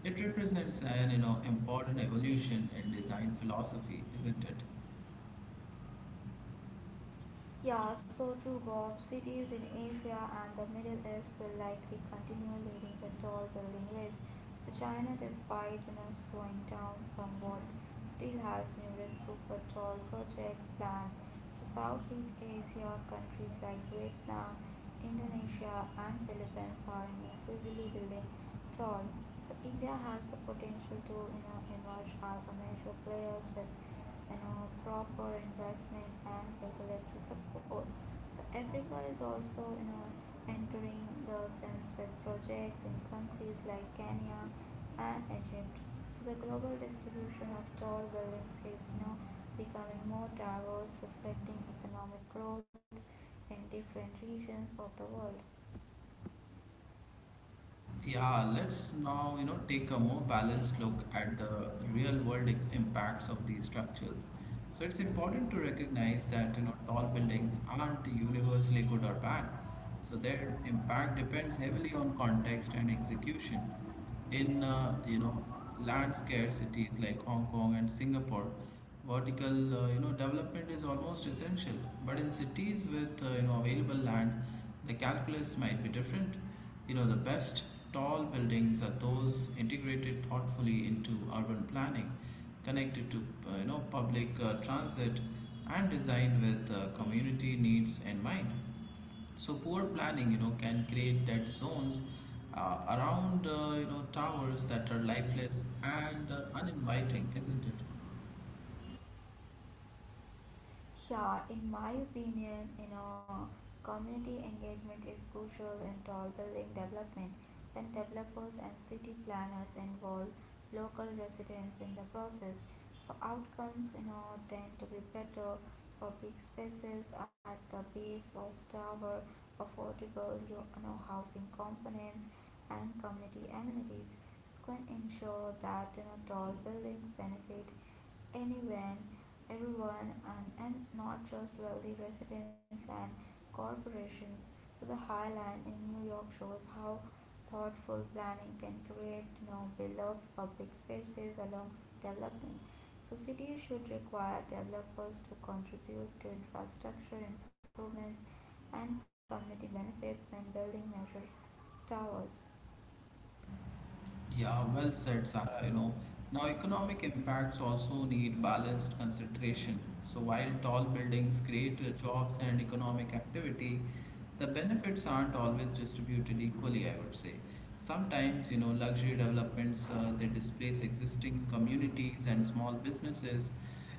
Speaker 1: it represents an, you know, important evolution in design philosophy, isn't it?
Speaker 2: Yeah, so true, Bob. Cities in Asia and the Middle East will likely continue leading the tall building race. So China, despite you know slowing down somewhat, still has numerous super tall projects planned. So Southeast Asia countries like Vietnam, Indonesia, and Philippines are you know, increasingly building tall. So India has the potential to you know emerge as a major player with you know proper investment and regulatory support. So Africa is also you know entering the sense with projects in countries like Kenya and Egypt. So the global distribution of tall buildings is now becoming more diverse, reflecting economic growth in different regions of the world.
Speaker 1: Yeah, let's now, you know, take a more balanced look at the real world i- impacts of these structures. So it's important to recognize that, you know, tall buildings aren't universally good or bad. So their impact depends heavily on context and execution in, uh, you know land scarce cities like Hong Kong and Singapore, vertical, uh, you know development is almost essential. But in cities with, uh, you know available land, the calculus might be different. You know, the best tall buildings are those integrated thoughtfully into urban planning, connected to, uh, you know, public uh, transit, and designed with uh, community needs in mind. So poor planning, you know, can create dead zones uh, around, uh, you know, towers that are lifeless and uh, uninviting, isn't it?
Speaker 2: Yeah, in my opinion, you know, community engagement is crucial in tall building development. When developers and city planners involve local residents in the process, so outcomes, you know, tend to be better. Public spaces at the base of tower, affordable, you know, housing components and community amenities. It's going to ensure that you know tall buildings benefit anyone, everyone, and, and not just wealthy residents and corporations. So the High Line in New York shows how thoughtful planning can create you know, beloved public spaces alongside development. So cities should require developers to contribute to infrastructure improvements and community benefits when building measure towers.
Speaker 1: Yeah, well said, Sarah. You know, now economic impacts also need balanced consideration. So while tall buildings create uh, jobs and economic activity, the benefits aren't always distributed equally, I would say. Sometimes, you know, luxury developments uh, they displace existing communities and small businesses.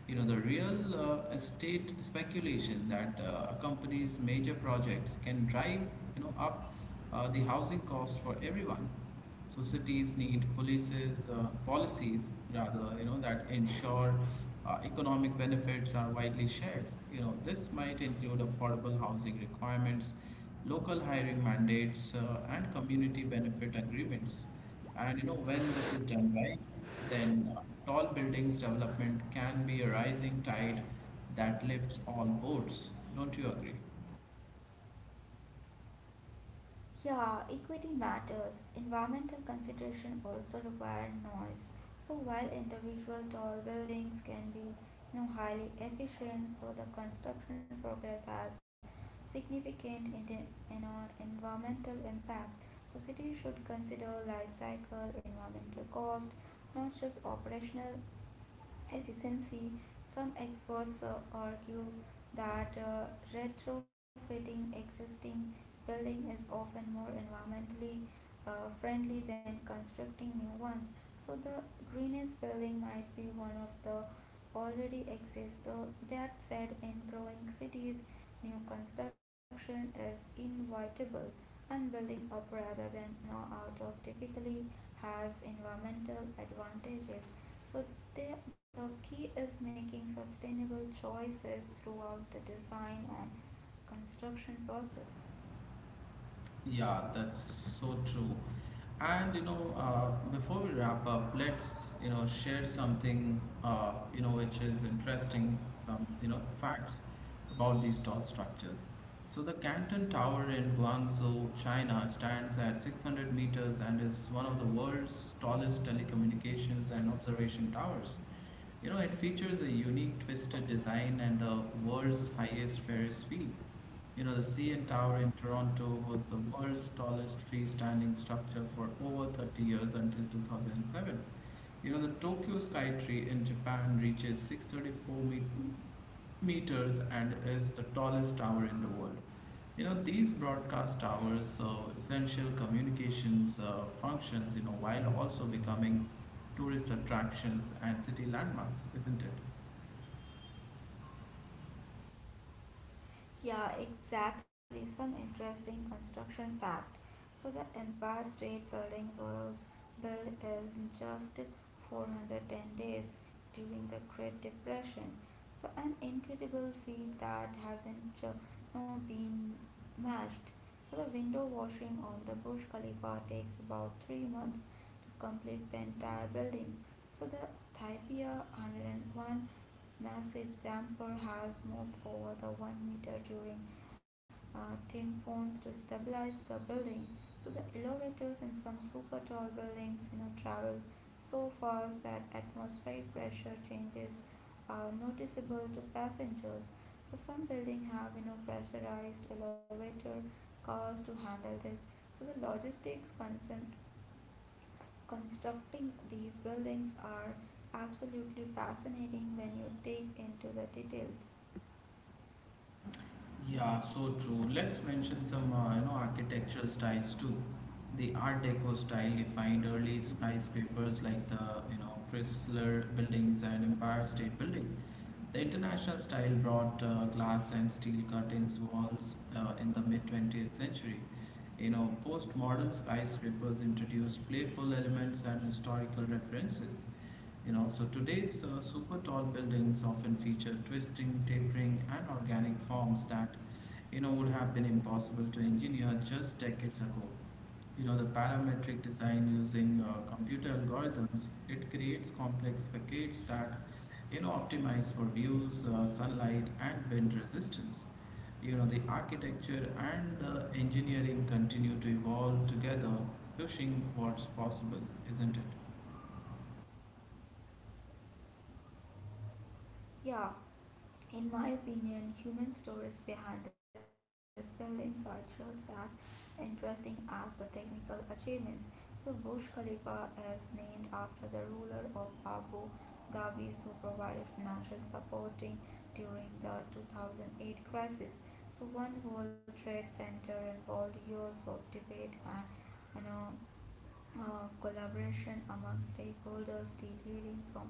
Speaker 1: You know, the real uh, estate speculation that uh, accompanies major projects can drive, you know, up uh, the housing cost for everyone. So cities need polices, uh, policies rather, you know, that ensure uh, economic benefits are widely shared. You know, this might include affordable housing requirements, local hiring mandates, uh, and community benefit agreements. And you know, when this is done right, then uh, tall buildings development can be a rising tide that lifts all boats. Don't you agree?
Speaker 2: Yeah, equity matters. Environmental consideration also require noise. So while individual tall buildings can be you know, highly efficient, so the construction progress has significant in, you know, environmental impacts. So cities should consider life cycle, environmental cost, not just operational efficiency. Some experts uh, argue that uh, retrofitting existing building is often more environmentally uh, friendly than constructing new ones. So the greenest building might be one of the already exist. Though that said, in growing cities, new construction is inevitable and building up rather than now out of typically has environmental advantages. So the, the key is making sustainable choices throughout the design and construction process.
Speaker 1: Yeah, that's so true. And you know, uh, before we wrap up, let's, you know, share something, uh, you know, which is interesting, some, you know, facts about these tall structures. So the Canton Tower in Guangzhou, China, stands at six hundred meters and is one of the world's tallest telecommunications and observation towers. You know, it features a unique twisted design and the world's highest Ferris wheel. You know, the C N Tower in Toronto was the world's tallest freestanding structure for over thirty years until two thousand seven. You know, the Tokyo Sky Tree in Japan reaches six thirty-four me- meters and is the tallest tower in the world. You know, these broadcast towers serve essential communications uh, functions, you know, while also becoming tourist attractions and city landmarks, isn't it?
Speaker 2: Yeah, exactly. Some interesting construction facts. So the Empire State Building was built in just four hundred ten days during the Great Depression. So an incredible feat that hasn't uh, no, been matched. So the window washing on the Burj Khalifa takes about three months to complete the entire building. So the Thaipia one hundred one massive damper has moved over the one meter during uh, thin phones to stabilize the building. So the elevators in some super tall buildings, you know, travel so fast that atmospheric pressure changes are noticeable to passengers. So some buildings have, you know, pressurized elevator cars to handle this. So the logistics concern constructing these buildings are absolutely fascinating when you dig into the details.
Speaker 1: Yeah, so true. Let's mention some, uh, you know, architectural styles too. The Art Deco style defined early skyscrapers like the, you know, Chrysler buildings and Empire State Building. The international style brought uh, glass and steel curtains walls uh, in the mid twentieth century. You know, postmodern skyscrapers introduced playful elements and historical references. You know, so today's uh, super tall buildings often feature twisting, tapering, and organic forms that, you know, would have been impossible to engineer just decades ago. You know, the parametric design using uh, computer algorithms, it creates complex facades that, you know, optimize for views, uh, sunlight, and wind resistance. You know, the architecture and uh, engineering continue to evolve together, pushing what's possible, isn't it?
Speaker 2: Yeah, in my opinion, human stories behind the spellings are just as interesting as the technical achievements. So, Burj Khalifa is named after the ruler of Abu Dhabi who provided financial supporting during the two thousand eight crisis. So, One World Trade Center involved years of debate and you know uh, collaboration among stakeholders deviating from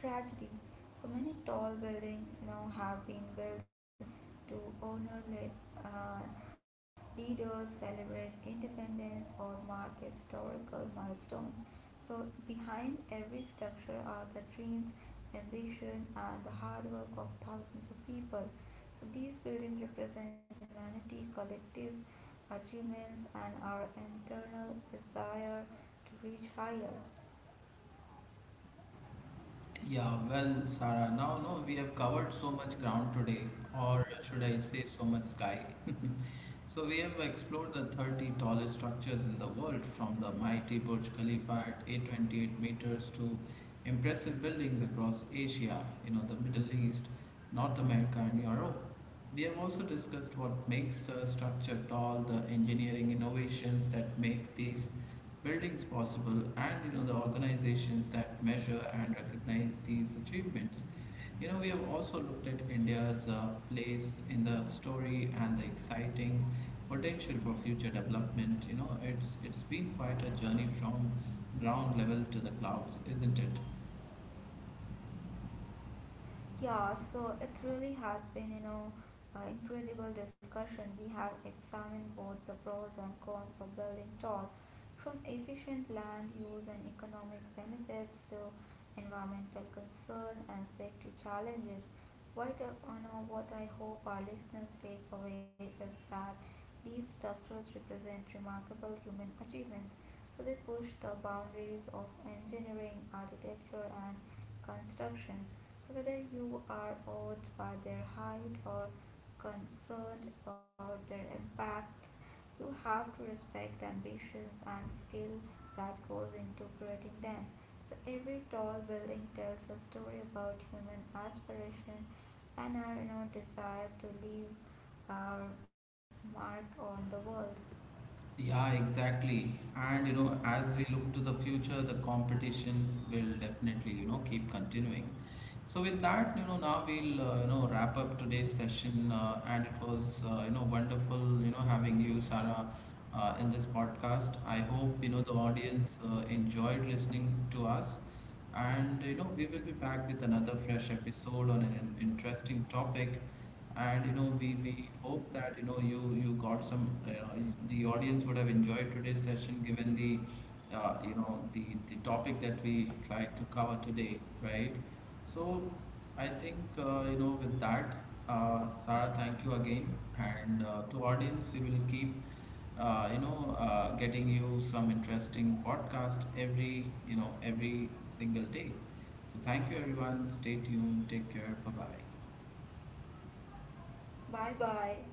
Speaker 2: tragedy. So many tall buildings now have been built to honor le- uh, leaders, celebrate independence, or mark historical milestones. So behind every structure are the dreams, ambition, and the hard work of thousands of people. So these buildings represents humanity, collective achievements, and our internal desire to reach higher.
Speaker 1: Yeah, well, Sarah, now no, we have covered so much ground today, or should I say so much sky. So we have explored the thirty tallest structures in the world, from the mighty Burj Khalifa at eight hundred twenty-eight meters to impressive buildings across Asia, you know, the Middle East, North America, and Europe. We have also discussed what makes a structure tall, the engineering innovations that make these buildings possible, and you know, the organizations that measure and recognize these achievements. You know, we have also looked at India's, uh, place in the story and the exciting potential for future development. You know, it's it's been quite a journey from ground level to the clouds, isn't it?
Speaker 2: Yeah, so it really has been, you know, uh, incredible discussion. We have examined both the pros and cons of building tall, from efficient land use and economic benefits to environmental concern and safety challenges, what, uh, you what I hope our listeners take away is that these structures represent remarkable human achievements. So they push the boundaries of engineering, architecture, and constructions. So whether you are awed by their height or concerned about their impacts, you have to respect the ambitions and skill that goes into creating them. So every tall building tells a story about human aspiration and our you know, desire to leave our mark on the world.
Speaker 1: Yeah, exactly. And you know, as we look to the future, the competition will definitely, you know, keep continuing. So with that, you know, now we'll, uh, you know, wrap up today's session, uh, and it was, uh, you know, wonderful, you know, having you, Sarah, uh, in this podcast. I hope, you know, the audience uh, enjoyed listening to us, and you know we will be back with another fresh episode on an interesting topic, and you know we we hope that, you know, you you got some, you know, the audience would have enjoyed today's session given the. Uh, you know, the the topic that we tried to cover today, right? So I think, uh, you know, with that, uh, Sarah, thank you again, and uh, to audience, we will keep, uh, you know, uh, getting you some interesting podcast every, you know, every single day. So thank you everyone. Stay tuned. Take care. Bye bye.
Speaker 2: Bye bye.